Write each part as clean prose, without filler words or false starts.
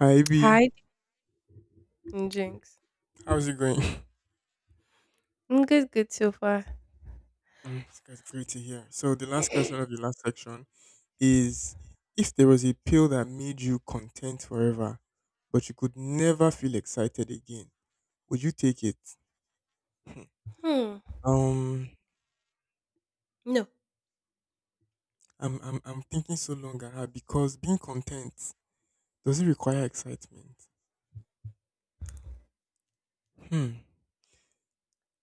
Hi B, Hide and drinks. how's it going? Good, good so far. It's great to hear. So the last question of the last section is: If there was a pill that made you content forever, but you could never feel excited again, would you take it? Hmm. Hmm. Um, No, I'm thinking so long ah, because being content, does it require excitement? Hmm.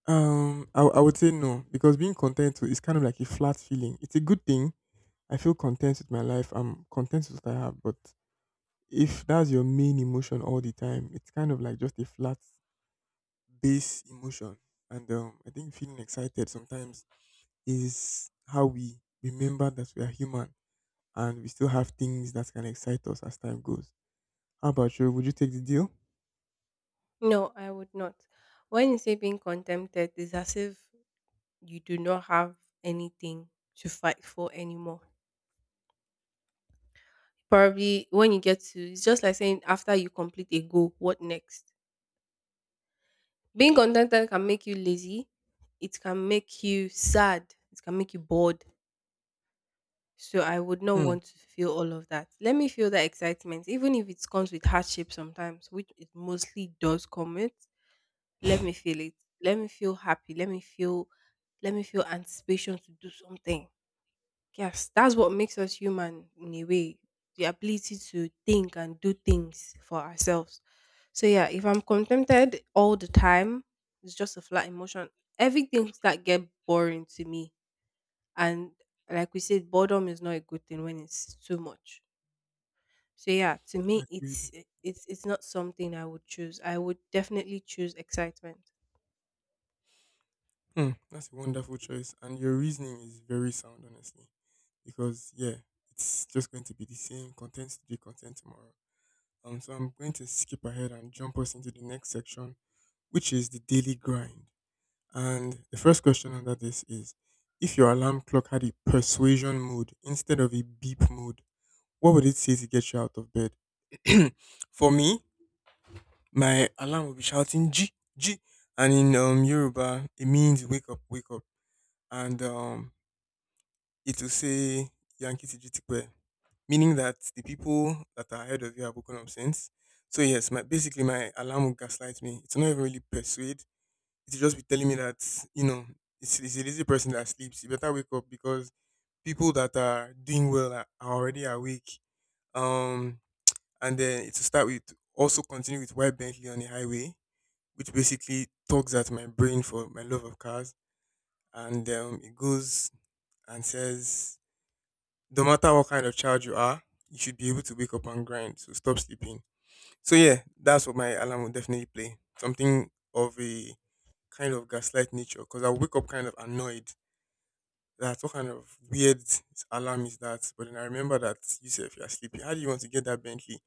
I would say no because being content too is kind of like a flat feeling. It's a good thing. I feel content with my life. I'm content with what I have, but if that's your main emotion all the time, it's kind of like just a flat base emotion. And I think feeling excited sometimes is how we remember that we are human and we still have things that can excite us as time goes. How about you? Would you take the deal? no, I would not. When you say being contented, it's as if you do not have anything to fight for anymore. Probably when you get to, it's just like saying after you complete a goal, what next? Being contented can make you lazy. It can make you sad. It can make you bored. So I would not Hmm. want to feel all of that. Let me feel that excitement, even if it comes with hardship sometimes, which it mostly does come with. Let me feel it. Let me feel happy. Let me feel anticipation to do something. Yes, that's what makes us human in a way. The ability to think and do things for ourselves. So yeah, if I'm contented all the time, it's just a flat emotion. Everything that get boring to me. And like we said, boredom is not a good thing when it's too much. So yeah, to me Agreed. it's not something I would choose. I would definitely choose excitement. Hmm, that's a wonderful choice, and your reasoning is very sound, honestly. Because yeah, it's just going to be the same content today, content tomorrow. So I'm going to skip ahead and jump us into the next section, which is the daily grind. And the first question under this is, if your alarm clock had a persuasion mode instead of a beep mode, what would it say to get you out of bed? For me, my alarm will be shouting G G, and in Yoruba, it means wake up, and it will say Yankee Tijutikwe, meaning that the people that are ahead of you are broken up. So yes, my basically my alarm will gaslight me. It's not even really persuade. It's just be telling me that you know it's a lazy person that sleeps. You better wake up because people that are doing well are already awake. Um, and then it will start with also continue with white Bentley on the highway, which basically tugs at my brain for my love of cars, and it goes and says no matter what kind of child you are, you should be able to wake up and grind. So stop sleeping. So yeah, that's what my alarm will definitely play. Something of a kind of gaslight nature, because I wake up kind of annoyed. That what kind of weird alarm is that? But then I remember that you said if you are sleeping, how do you want to get that Bentley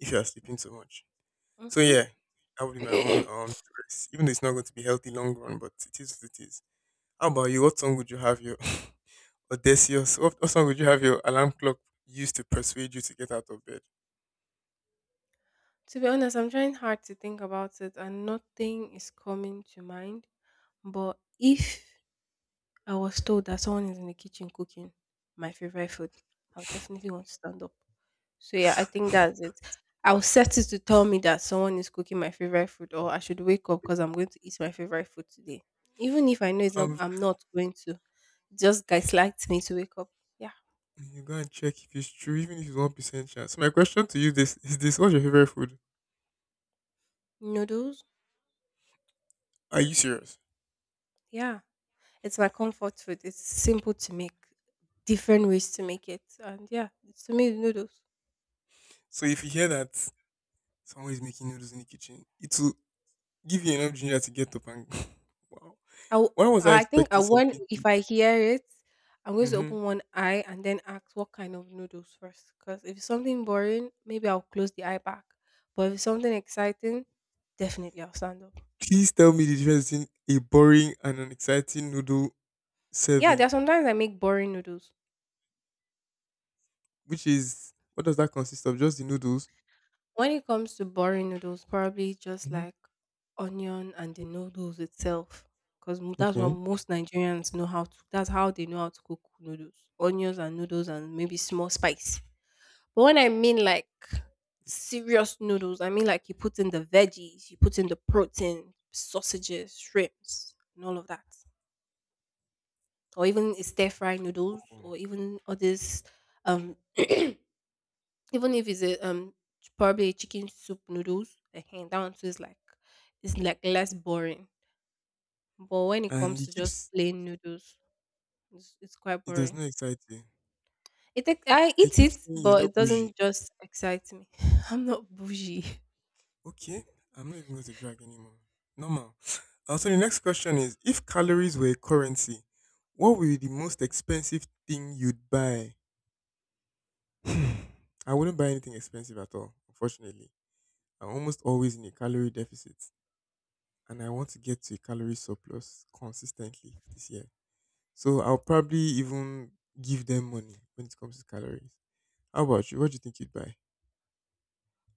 if you are sleeping so much? So yeah, that would be my Hmm. own choice. Even though it's not going to be healthy long run, but it is what it is. How about you? What song would you have your Odysseus. What song would you have your alarm clock use to persuade you to get out of bed? To be honest, I'm trying hard to think about it and nothing is coming to mind. But if I was told that someone is in the kitchen cooking my favorite food, I would definitely want to stand up. So yeah, I think that's it. I'll set it to tell me that someone is cooking my favorite food or I should wake up because I'm going to eat my favorite food today. Even if I know it's not Um, I'm not going to. Just guys liked me to wake up. Yeah. you go and check if it's true, even if it's 1% chance. So my question to you this is this: What's your favorite food? Noodles? Are you serious? Yeah. It's my comfort food. It's simple to make, different ways to make it, and yeah, it's to me it's noodles. So if you hear that someone is making noodles in the kitchen, it will give you enough ginger to get up and wow. I w- Why was I I think I, expecting when something if deep? I hear it, I'm going to Mm-hmm. open one eye and then ask what kind of noodles first. Because if it's something boring, maybe I'll close the eye back. But if it's something exciting, definitely I'll stand up. Please tell me the difference between a boring and an exciting noodle Yeah, there serving, are sometimes I make boring noodles. which is, what does that consist of? Just the noodles. When it comes to boring noodles, probably just Mm-hmm. like onion and the noodles itself, because that's what Okay. most Nigerians know how to. That's how they know how to cook noodles, onions and noodles, and maybe small spice. But when I mean like serious noodles, I mean like you put in the veggies, you put in the protein, sausages, shrimps, and all of that, or even stir fry noodles, Oh. or even all these um even if it's a probably a chicken soup noodles that one too is like it's like less boring, but when it And comes it to just keeps. plain noodles, it's quite It does boring. not excite you. I I eat keep it, saying you're but it not bougie. doesn't just excite me. I'm not bougie. Okay, I'm not even going to drag anymore. Normal. So the next question is: If calories were a currency, what would be the most expensive thing you'd buy? Hmm, I wouldn't buy anything expensive at all. Unfortunately, I'm almost always in a calorie deficit, and I want to get to a calorie surplus consistently this year. So I'll probably even give them money when it comes to calories. How about you? What do you think you'd buy?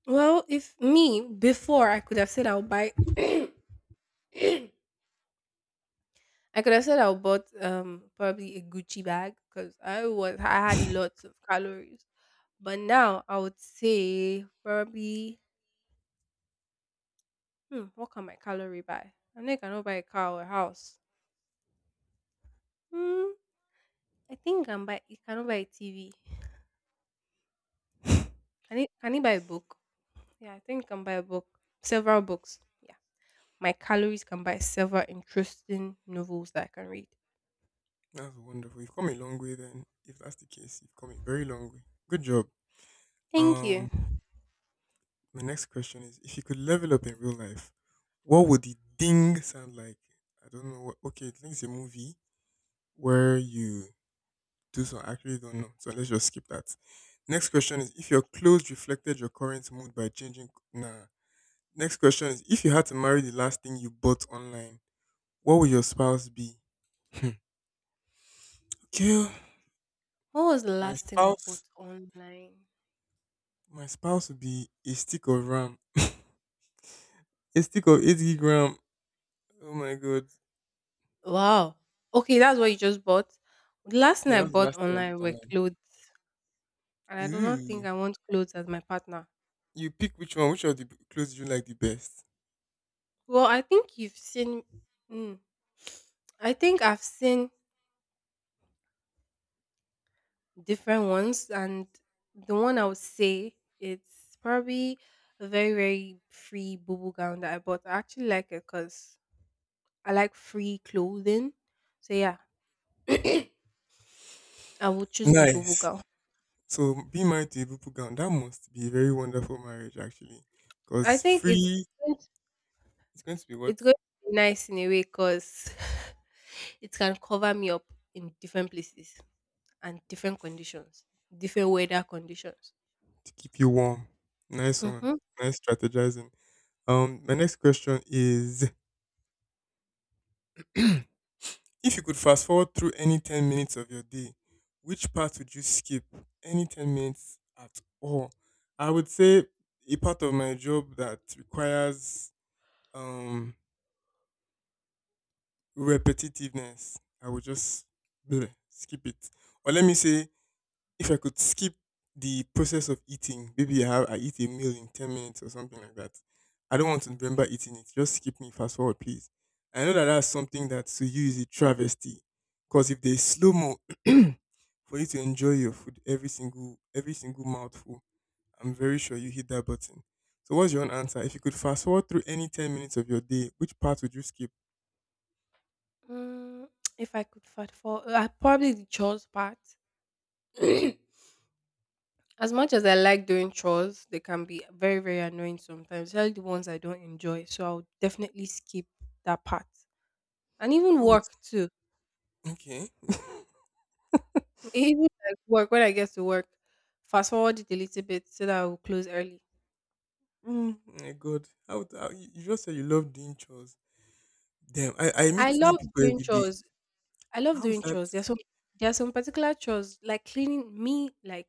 Well, if me before I could have said I'll buy I could have said I'll bought probably a Gucci bag, because I had lots of calories, but now I would say probably hmm, what can my calorie buy? I know you cannot buy a car or a house. Hmm, I think I can buy. You cannot buy a TV. Can it? Can it buy a book? Yeah, I think you can buy a book. Several books. Yeah, my calories can buy several interesting novels that I can read. That's wonderful. You've come a long way then. If that's the case, you've come a very long way. Good job. Thank you. Um, my next question is if you could level up in real life, what would the ding sound like? I don't know what, okay, I think it's a movie where you do, so I actually don't know. So let's just skip that. Next question is if your clothes reflected your current mood by changing, nah. Next question is if you had to marry the last thing you bought online, what would your spouse be? Hmm. Okay. Oh. What was the My last thing I spouse bought online? my spouse would be a stick of ram. A stick of 80 gram. Oh my god. Wow. Okay, that's what you just bought. The last thing Yeah, that I was the bought last thing I bought online were online. clothes, and I do not Ooh. think I want clothes as my partner. You pick which one, which of the clothes you like the best. Well, I think you've seen. Mm, I think I've seen different ones, and the one I would say it's probably a very, very free bubble gown that I bought. I actually like it because I like free clothing. So yeah, I will choose the bubble Nice. gown. So be married to a Bupu gown. That must be a very wonderful marriage actually. I Because think it's free, going to- it's going to be what? It's going to be nice in a way, because it can cover me up in different places and different conditions, different weather conditions. To keep you warm. Nice one. Mm-hmm. Nice strategizing. My next question is if you could fast forward through any 10 minutes of your day, which part would you skip? Any 10 minutes at all? I would say a part of my job that requires um, repetitiveness. I would just bleh, skip it. Or let me say, if I could skip the process of eating, maybe I eat a meal in 10 minutes or something like that. I don't want to remember eating it. Just skip me, fast forward, please. I know that that's something that to you is a travesty. Because if there's slow mo for you to enjoy your food every single mouthful. I'm very sure you hit that button. So what's your own answer? If you could fast forward through any 10 minutes of your day, which part would you skip? Mm, if I could probably the chores part. As much as I like doing chores, they can be very, very annoying sometimes, especially the ones I don't enjoy. So I'll definitely skip that part. And even How would work too. okay? Even like work, when I get to work, fast forward it a little bit so that I will close early. Mm, my God, how you just said you love doing chores. Damn, I I meet new love people doing every day. chores. I love How is doing that? chores. There are some particular chores like cleaning me, like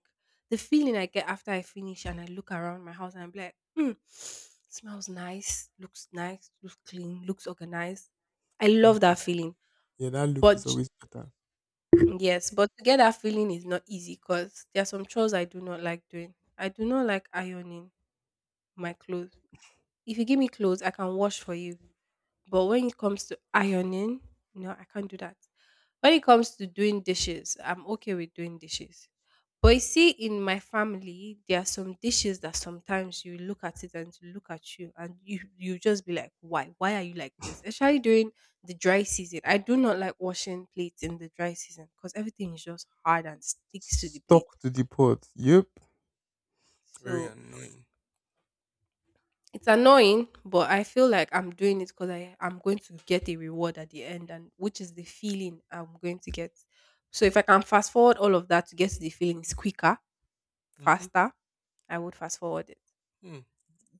the feeling I get after I finish and I look around my house and I'm like, hmm, smells nice, looks clean, looks organized. I love Okay, that that, feeling. yeah, that look But is j- always better. yes, but to get that feeling is not easy, because there are some chores I do not like doing. I do not like ironing my clothes. If you give me clothes, I can wash for you. But when it comes to ironing, no, I can't do that. When it comes to doing dishes, I'm okay with doing dishes. But you see, in my family, there are some dishes that sometimes you look at it and it will look at you, and you just be like, why? Why are you like this? Especially during the dry season, I do not like washing plates in the dry season, because everything is just hard and sticks to the plate. Stuck to the pot. Yep. Very So annoying. it's annoying, but I feel like I'm doing it because I'm going to get a reward at the end, and which is the feeling I'm going to get. So if I can fast forward all of that to get to the feelings quicker, Mhm. faster, I would fast forward it. Hmm.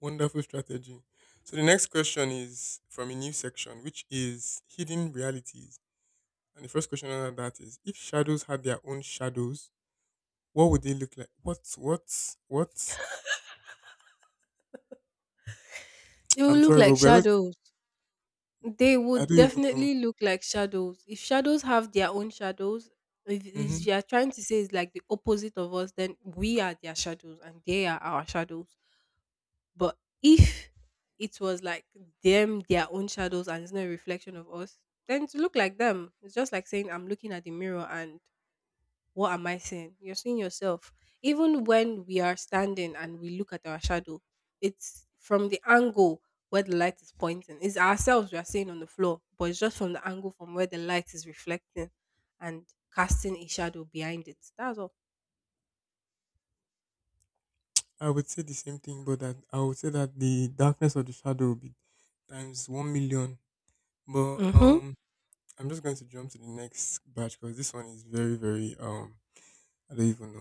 Wonderful strategy. So the next question is from a new section, which is hidden realities. And the first question under that is if shadows had their own shadows, what would they look like? What? They will I'm look sorry, but like we're not, shadows. They I would don't even know. definitely look like shadows. If shadows have their own shadows, if Hmm. you are trying to say it's like the opposite of us, then we are their shadows and they are our shadows. But if it was like them, their own shadows, and it's not a reflection of us, then to look like them, it's just like saying, I'm looking at the mirror, and what am I seeing? You're seeing yourself. Even when we are standing and we look at our shadow, it's from the angle where the light is pointing. It's ourselves we are seeing on the floor, but it's just from the angle from where the light is reflecting and casting a shadow behind it. That's all. I would say the same thing, but that I would say that the darkness of the shadow would be times 1,000,000. But Mm-hmm. I'm just going to jump to the next batch because this one is very, very I don't even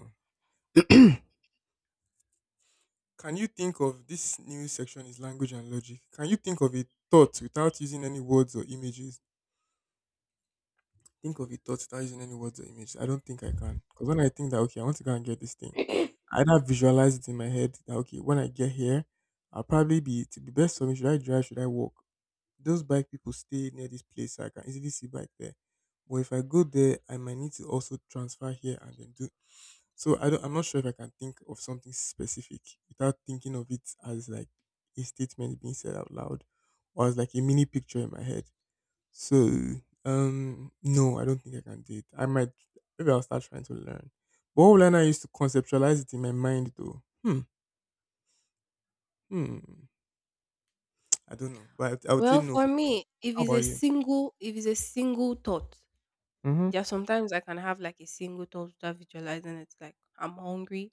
know. Can you think of this new section is language and logic. Can you think of a thought without using any words or images? Think of a thought without using any words or images. I don't think I can. Because when I think that okay, I want to go and get this thing, I either visualize it in my head that okay, when I get here, I'll probably be to be best for me. Should I drive? Should I walk? Those bike people stay near this place, so I can easily see bike there. But if I go there, I might need to also transfer here and then do, so I'm not sure if I can think of something specific without thinking of it as like a statement being said out loud or as like a mini picture in my head. So no, I don't think I can do it. I might maybe I'll start trying to learn. But what will I now use to conceptualize it in my mind though? Hmm. Hmm. I don't know. But I would say Well, no for for now. me, How about you? If it's a single thought, Hmm. yeah, sometimes I can have like a single thought without visualizing it. Like I'm hungry.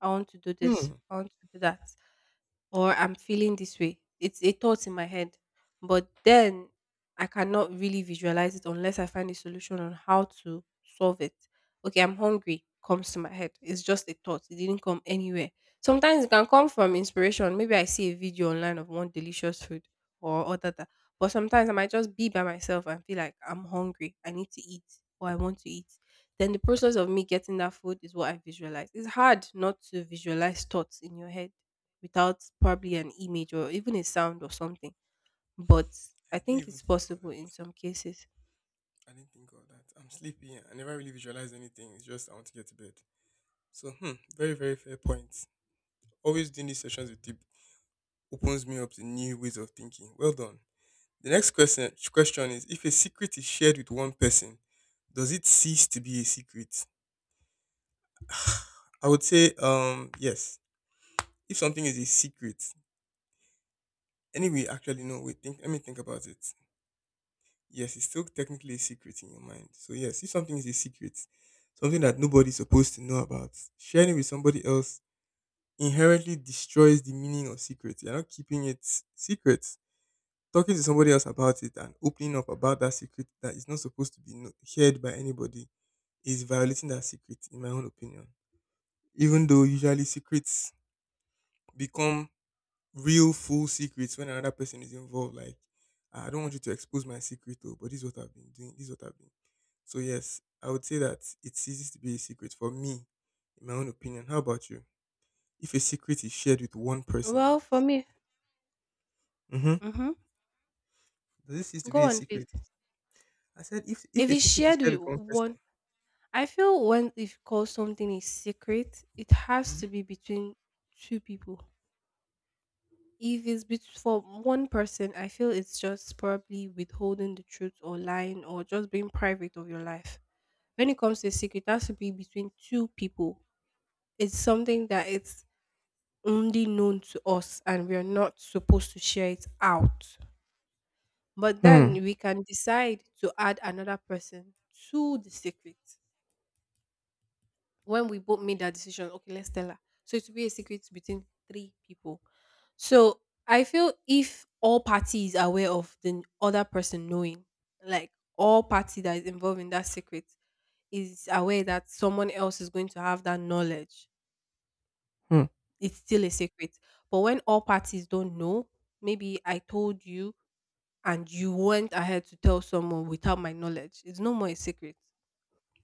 I want to do this. Hmm. I want to do that, or I'm feeling this way. It's a thought in my head, but then I cannot really visualize it unless I find a solution on how to solve it. Okay, I'm hungry comes to my head. It's just a thought. It didn't come anywhere. Sometimes it can come from inspiration. Maybe I see a video online of one delicious food or other that. But sometimes I might just be by myself and feel like I'm hungry. I need to eat or I want to eat. Then the process of me getting that food is what I visualize. It's hard not to visualize thoughts in your head without probably an image or even a sound or something. But I I didn't think even it's think of possible that. in some cases. I didn't think of that. I'm sleepy. I never really visualize anything. It's just I want to get to bed. So, hmm, very, very fair point. Always doing these sessions with people opens me up to new ways of thinking. Well done. The next question is if a secret is shared with one person, does it cease to be a secret? I would say yes. If something is a secret, anyway, actually no, wait, think let me think about it. Yes, it's still technically a secret in your mind. So yes, if something is a secret, something that nobody's supposed to know about, sharing it with somebody else inherently destroys the meaning of secret. You're not keeping it secret. Talking to somebody else about it and opening up about that secret that is not supposed to be shared by anybody is violating that secret, in my own opinion. Even though usually secrets become real, full secrets when another person is involved. Like, "Ah, I don't want you to expose my secret, though, but this is what I've been doing. This is what I've been." So, yes, I would say that it ceases to be a secret for me, in my own opinion. How about you? If a secret is shared with one person, Well, for me, mm-hmm, mm-hmm. does it cease to be Go a on, please. secret? I said, if If a it's secret is shared shared with with one person. one, I feel when if call something a secret, it has to be between two people. If it's bet- For one person, I feel it's just probably withholding the truth or lying or just being private of your life. When it comes to a secret, it has to be between two people. It's something that it's only known to us and we are not supposed to share it out. But Hmm. then we can decide to add another person to the secret. When we both made that decision, okay, let's tell her. So it will be a secret between three people. So I feel if all parties are aware of the other person knowing, like all party that is involved in that secret is aware that someone else is going to have that knowledge, Hmm. it's still a secret. But when all parties don't know, maybe I told you and you went ahead to tell someone without my knowledge. It's no more a secret.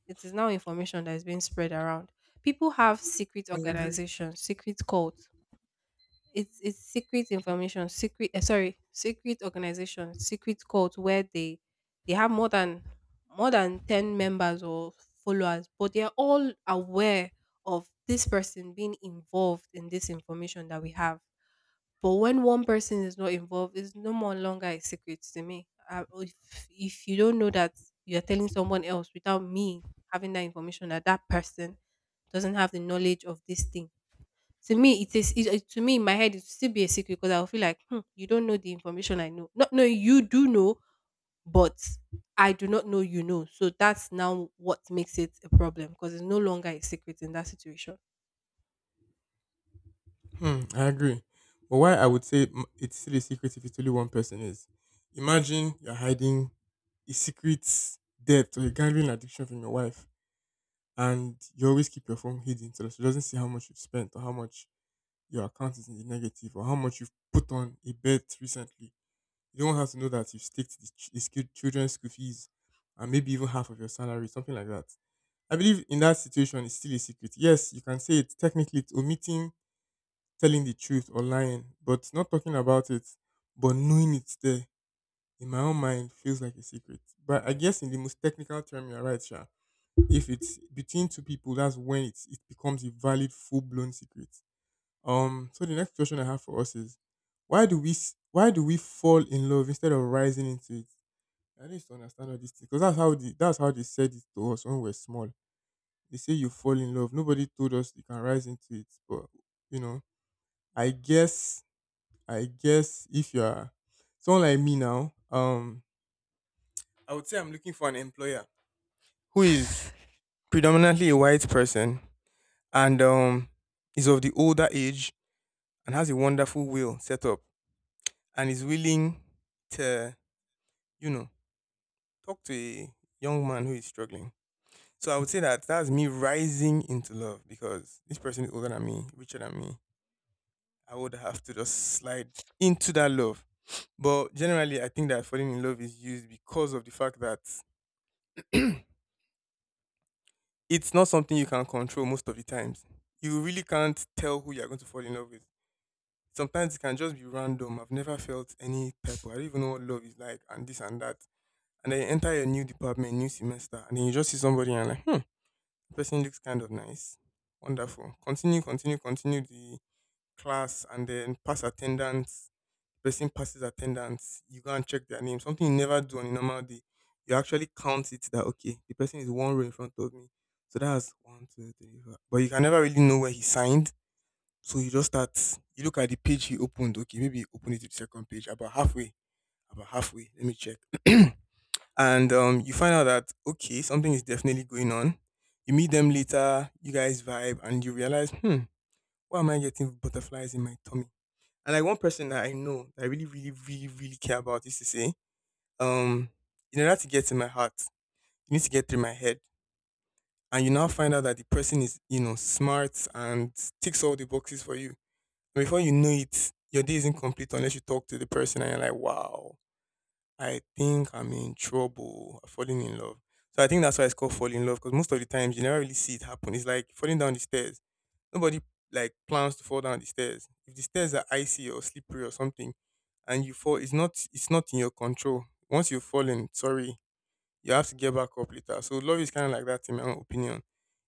It is now information that is being spread around. People have secret I agree. organizations, secret cults. It's secret information, secret sorry, secret organizations, secret cults, where they have more than 10 members or followers, but they are all aware of this person being involved in this information that we have, but when one person is not involved, it's no more longer a secret to me. If you don't know that you're telling someone else without me having that information that that person doesn't have the knowledge of this thing, to me it is it, it- to me in my head it will still be a secret because I'll feel like hmm, you don't know the information I know. Not knowing you do know, but I do not know you know. So that's now what makes it a problem because it's no longer a secret in that situation. Hmm, I agree. But why I would say it's still a secret if it's only one person is. Imagine you're hiding a secret debt or a gambling addiction from your wife, and you always keep your phone hidden so that she doesn't see how much you've spent or how much your account is in the negative or how much you've put on a bet recently. You don't have to know that you've staked the children's school fees and maybe even half of your salary, something like that. I believe in that situation, it's still a secret. Yes, you can say it. Technically, it's omitting telling the truth or lying, but not talking about it, but knowing it's there in my own mind feels like a secret. But I guess in the most technical term, you're right, Sha. If it's between two people, that's when it becomes a valid, full blown secret. So the next question I have for us is, why do we fall in love instead of rising into it? I need to understand all these things because that's how they said it to us when we were small. They say you fall in love. Nobody told us you can rise into it, but you know, I guess I guess if you are someone like me now, I would say I'm looking for an employer who is predominantly a white person and is of the older age and has a wonderful will set up and is willing to, you know, talk to a young man who is struggling. So I would say that that's me rising into love because this person is older than me, richer than me. I would have to just slide into that love. But generally, I think that falling in love is used because of the fact that it's not something you can control most of the times. You really can't tell who you're going to fall in love with. Sometimes it can just be random. I've never felt any type of, I don't even know what love is like and this and that. And then you enter a new department, new semester, and then you just see somebody and like, hmm, person looks kind of nice. Wonderful. Continue, continue, continue the class and then pass attendance person passes attendance, you go and check their name. Something you never do on a normal day. You actually count it that okay, the person is one row in front of me. So that's one, two, three, four. But you can never really know where he signed. So you just start you look at the page he opened. Okay, maybe he opened it to the second page, about halfway. About halfway. Let me check. And you find out that okay, something is definitely going on. You meet them later, you guys vibe and you realize, hmm, why am I getting butterflies in my tummy? And like one person that I know that I really, really, really, really care about used to say, um, in order to get in my heart, you need to get through my head. And you now find out that the person is smart and ticks all the boxes for you. And before you know it, your day is incomplete unless you talk to the person and you're like, wow, I think I'm in trouble. I'm falling in love. So I think that's why it's called falling in love because most of the times you never really see it happen. It's like falling down the stairs. Nobody like plans to fall down the stairs. If the stairs are icy or slippery or something, and you fall, it's not in your control. Once you've fallen, sorry, you have to get back up later. So love is kind of like that in my own opinion.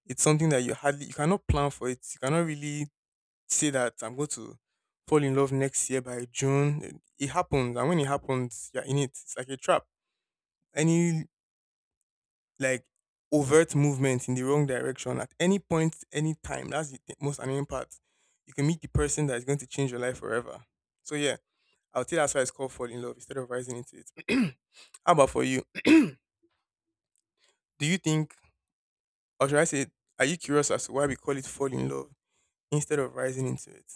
It's something that you cannot plan for it. You cannot really say that I'm going to fall in love next year by June. It happens, and when it happens, you're in it. It's like a trap. Any like overt movement in the wrong direction at any point, any time. That's the most annoying part. You can meet the person that is going to change your life forever. So yeah, I would say that's why it's called fall in love instead of rising into it. How about for you? Do you think, or should I say, are you curious as to why we call it fall in love instead of rising into it?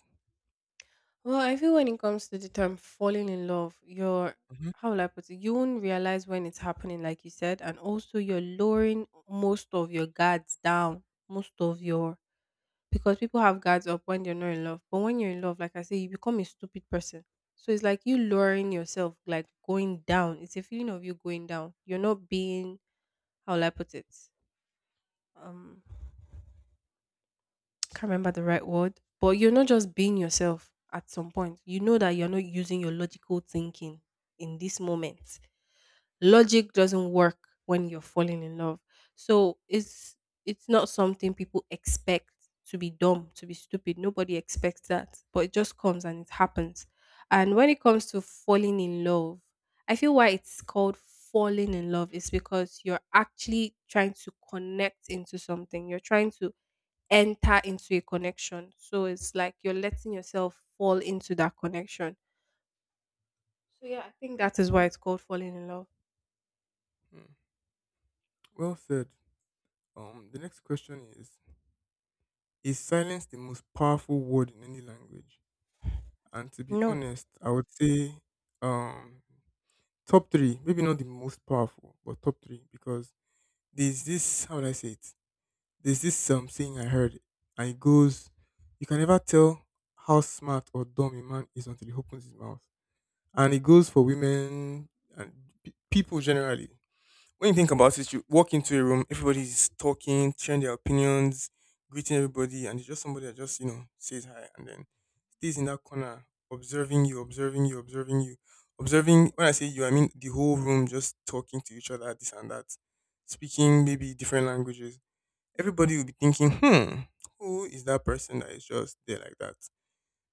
Well, I feel when it comes to the term falling in love, you're Mhm. how will I put it? You won't realize when it's happening, like you said, and also you're lowering most of your guards down, most of your because people have guards up when they're not in love. But when you're in love, like I say, you become a stupid person. So it's like you lowering yourself, like going down. It's a feeling of you going down. You're not being how will I put it? Um can't remember the right word, but you're not just being yourself at some point. You know that you're not using your logical thinking in this moment. Logic doesn't work when you're falling in love. So it's not something people expect to be dumb, to be stupid. Nobody expects that. But it just comes and it happens. And when it comes to falling in love, I feel why it's called falling in love is because you're actually trying to connect into something. You're trying to enter into a connection. So it's like you're letting yourself fall into that connection. So yeah, I think that is why it's called falling in love. Mm. Well said. The next question is: is silence the most powerful word in any language? And to be No, honest, I would say um top three, maybe not the most powerful, but top three because there's this how would I say it? There's this saying I heard, and it goes, you can never tell how smart or dumb a man is until he opens his mouth, and it goes for women and people generally. When you think about it, you walk into a room, everybody's talking, sharing their opinions, greeting everybody, and it's just somebody that just says hi, and then stays in that corner observing you, observing you, observing you, observing. When I say you, I mean the whole room just talking to each other, this and that, speaking maybe different languages. Everybody will be thinking, hmm, who is that person that is just there like that?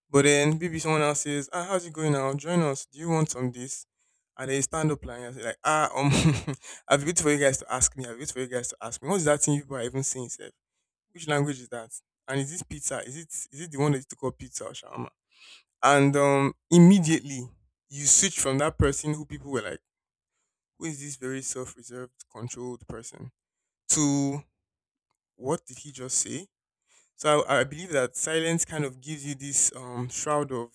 But then maybe someone else says, ah, how's it going now? Join us. Do you want some this? And they stand up and say like, ah, I've waited for you guys to ask me. I've waited for you guys to ask me. What's that thing you people are even saying, sir? Which language is that? And is this pizza? Is it the one that you took call pizza or shawarma? And immediately you switch from that person who people were like, who is this very self-reserved, controlled person, to what did he just say? So I believe that silence kind of gives you this shroud of,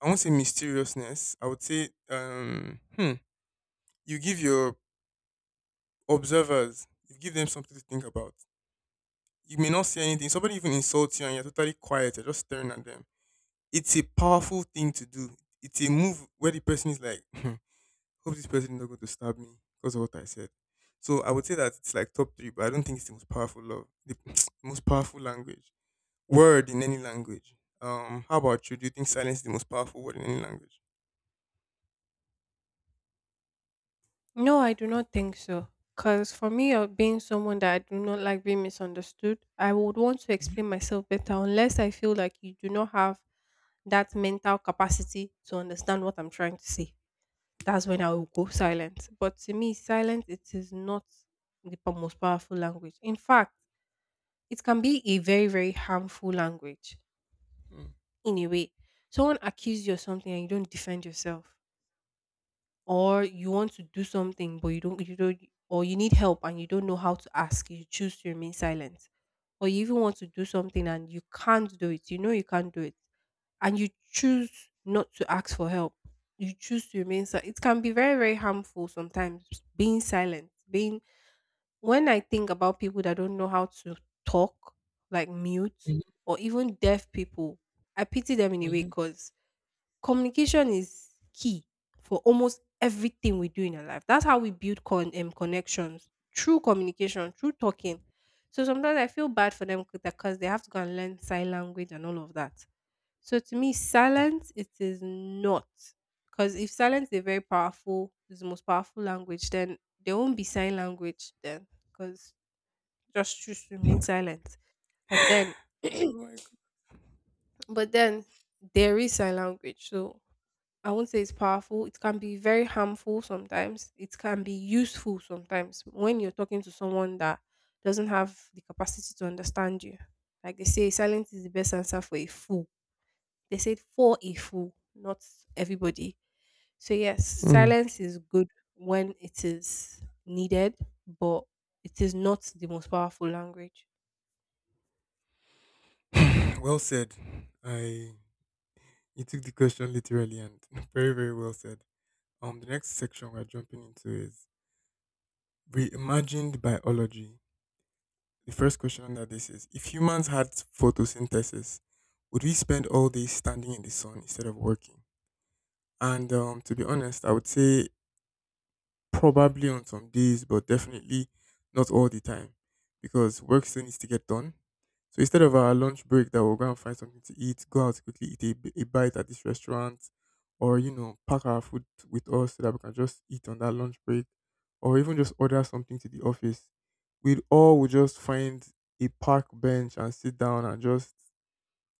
I won't say mysteriousness. I would say you give your you give them something to think about. You may not say anything. Somebody even insults you and you're totally quiet. You're just staring at them. It's a powerful thing to do. It's a move where the person is like, hmm, hope this person is not going to stab me because of what I said. So I would say that it's like top three, but I don't think it's the most powerful language word in any language. How about you? Do you think silence is the most powerful word in any language? no, I do not think so. Because for me, being someone that I do not like being misunderstood, I would want to Mm. explain myself better unless I feel like you do not have that mental capacity to understand what I'm trying to say. That's when I will go silent. But to me, silence it is not the most powerful language. In fact, it can be a very, very harmful language in a way. Someone accuses you of something and you don't defend yourself, or you want to do something but you don't, or you need help and you don't know how to ask. You choose to remain silent, or you even want to do something and you can't do it. You know you can't do it, and you choose not to ask for help. You choose to remain silent. It can be very, very harmful sometimes. Being silent, being when I think about people that don't know how to talk, like mute or even deaf people, I pity them in a way Mm-hmm. because communication is key for almost everything we do in our life. That's how we build connections through communication, through talking. So sometimes I feel bad for them because they have to go and learn sign language and all of that. So to me, silence it is not because if silence is very powerful, is the most powerful language, then there won't be sign language then because just choose to remain silent. But then, Oh my but then there is sign language. So I won't say it's powerful. It can be very harmful sometimes. It can be useful sometimes when you're talking to someone that doesn't have the capacity to understand you. Like they say, silence is the best answer for a fool. They said for a fool, not everybody. So, yes, god. Mm. silence is good when it is needed, but it is not the most powerful language. Well said. I You took the question literally and very, very well said. The next section we're jumping into is reimagined biology. The first question under this is if humans had photosynthesis, would we spend all day standing in the sun instead of working? And to be honest, I would say probably on some days, but definitely not all the time because work still needs to get done. So instead of our lunch break that we'll go and find something to eat, go out quickly, eat a bite at this restaurant, or pack our food with us so that we can just eat on that lunch break, or even just order something to the office. We'd all would just find a park bench and sit down and just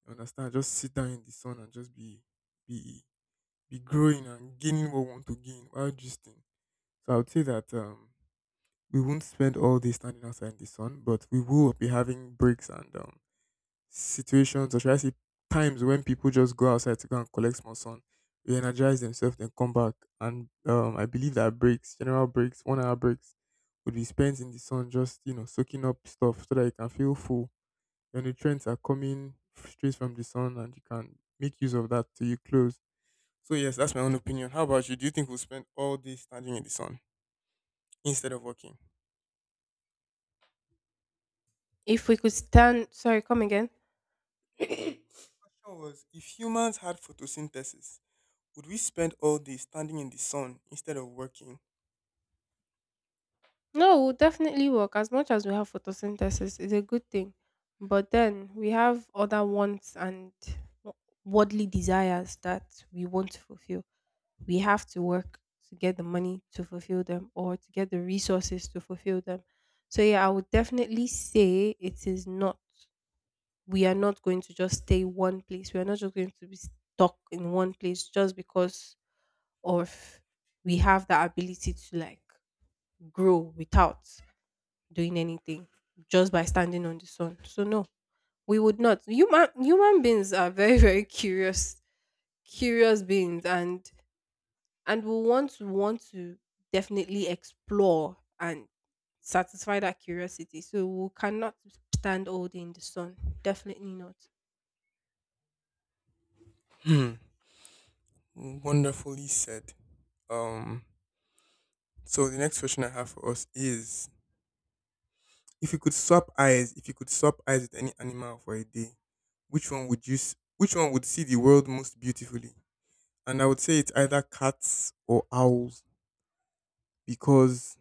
you understand, just sit down in the sun and just be be growing and gaining what we want to gain while gisting. So I would say that we won't spend all day standing outside in the sun, but we will be having breaks and situations, or should I say, times when people just go outside to go and collect more sun, re-energize themselves, then come back. And I believe that breaks, general breaks, 1 hour breaks, would be spent in the sun, just soaking up stuff so that you can feel full. Your nutrients are coming straight from the sun, and you can make use of that till you close. So yes, that's my own opinion. How about you? Do you think we'll spend all day standing in the sun instead of working? If we could stand, sorry, come again. Question was if humans had photosynthesis, would we spend all day standing in the sun instead of working? No, we'll definitely work. As much as we have photosynthesis, it's a good thing. But then we have other wants and wo- worldly desires that we want to fulfill. We have to work to get the money to fulfill them or to get the resources to fulfill them. So, yeah, I would definitely say it is not, we are not going to just stay one place. We are not just going to be stuck in one place just because of we have the ability to like grow without doing anything just by standing on the sun. So no, we would not. Human beings are very very curious beings and we want to definitely explore and satisfy that curiosity. So we cannot stand all day in the sun. Definitely not. Hmm. Wonderfully said. Um so the next question I have for us is if you could swap eyes, if you could swap eyes with any animal for a day, which one would see the world most beautifully? And I would say it's either cats or owls because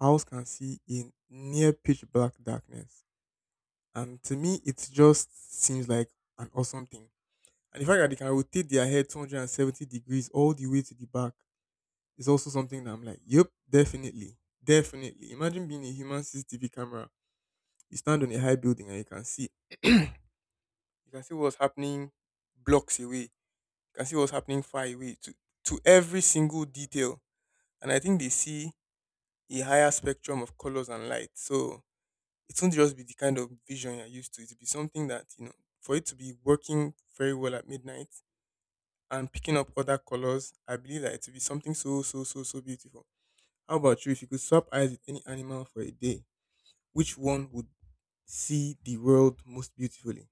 owls can see in near pitch black darkness. And to me it just seems like an awesome thing. And the fact that they can rotate their head 270 degrees all the way to the back is also something that I'm like, yep, definitely. Definitely. Imagine being a human CCTV camera. You stand on a high building and you can see you can see what's happening blocks away. You can see what's happening far away to every single detail. And I think they see a higher spectrum of colors and light. So it won't just be the kind of vision you're used to. It'll be something that for it to be working very well at midnight, and picking up other colors, I believe that it will be something so, so, so, so beautiful. How about you? If you could swap eyes with any animal for a day, which one would see the world most beautifully?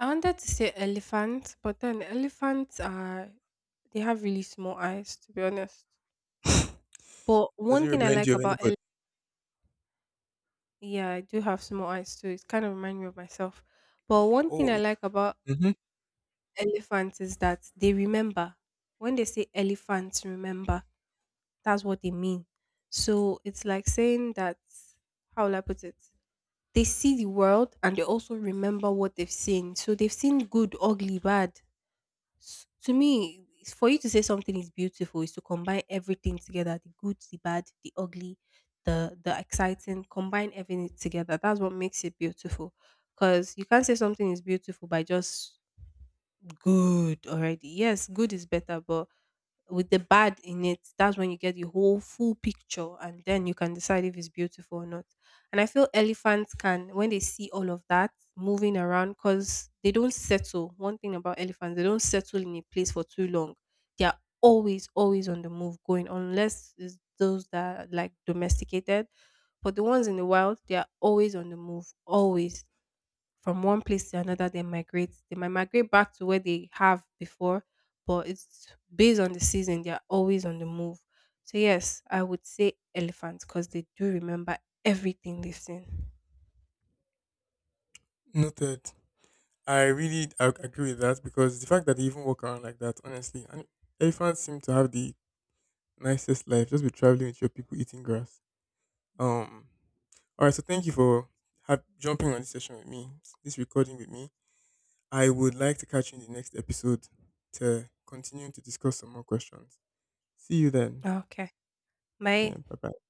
I wanted to say elephants, but then elephants are they have really small eyes to be honest. But Does one it thing I remind like you of about anybody? elephants. Yeah, I do have small eyes too. It kind of reminds me of myself. But one thing Oh, I like about mm-hmm. elephants is that they remember. When they say elephants remember, that's what they mean. So it's like saying that, how will I put it? They see the world and they also remember what they've seen. So they've seen good, ugly, to me for you to say something is beautiful is to combine everything together, the good, the bad, the ugly, the exciting, combine everything together, that's what makes it beautiful because you can't say something is beautiful by just good already. Yes, good is better, but with the bad in it, that's when you get the whole full picture and then you can decide if it's beautiful or not. And I feel elephants can, when they see all of that moving around, because they don't settle. One thing about elephants, they don't settle in a place for too long. They are always, always on the move going, unless it's those that are like domesticated. But the ones in the wild, they are always on the move, always from one place to another. They migrate, they might migrate back to where they have before, but it's based on the season. They're always on the move. So yes, I would say elephants because they do remember everything they've seen. Noted. I agree with that because the fact that they even walk around like that, honestly, and elephants seem to have the nicest life. Just be traveling with your people eating grass. Um. All right. So thank you for jumping on this session with me, this recording with me. I would like to catch you in the next episode to continue to discuss some more questions. See you then. Okay, Yeah, my bye bye.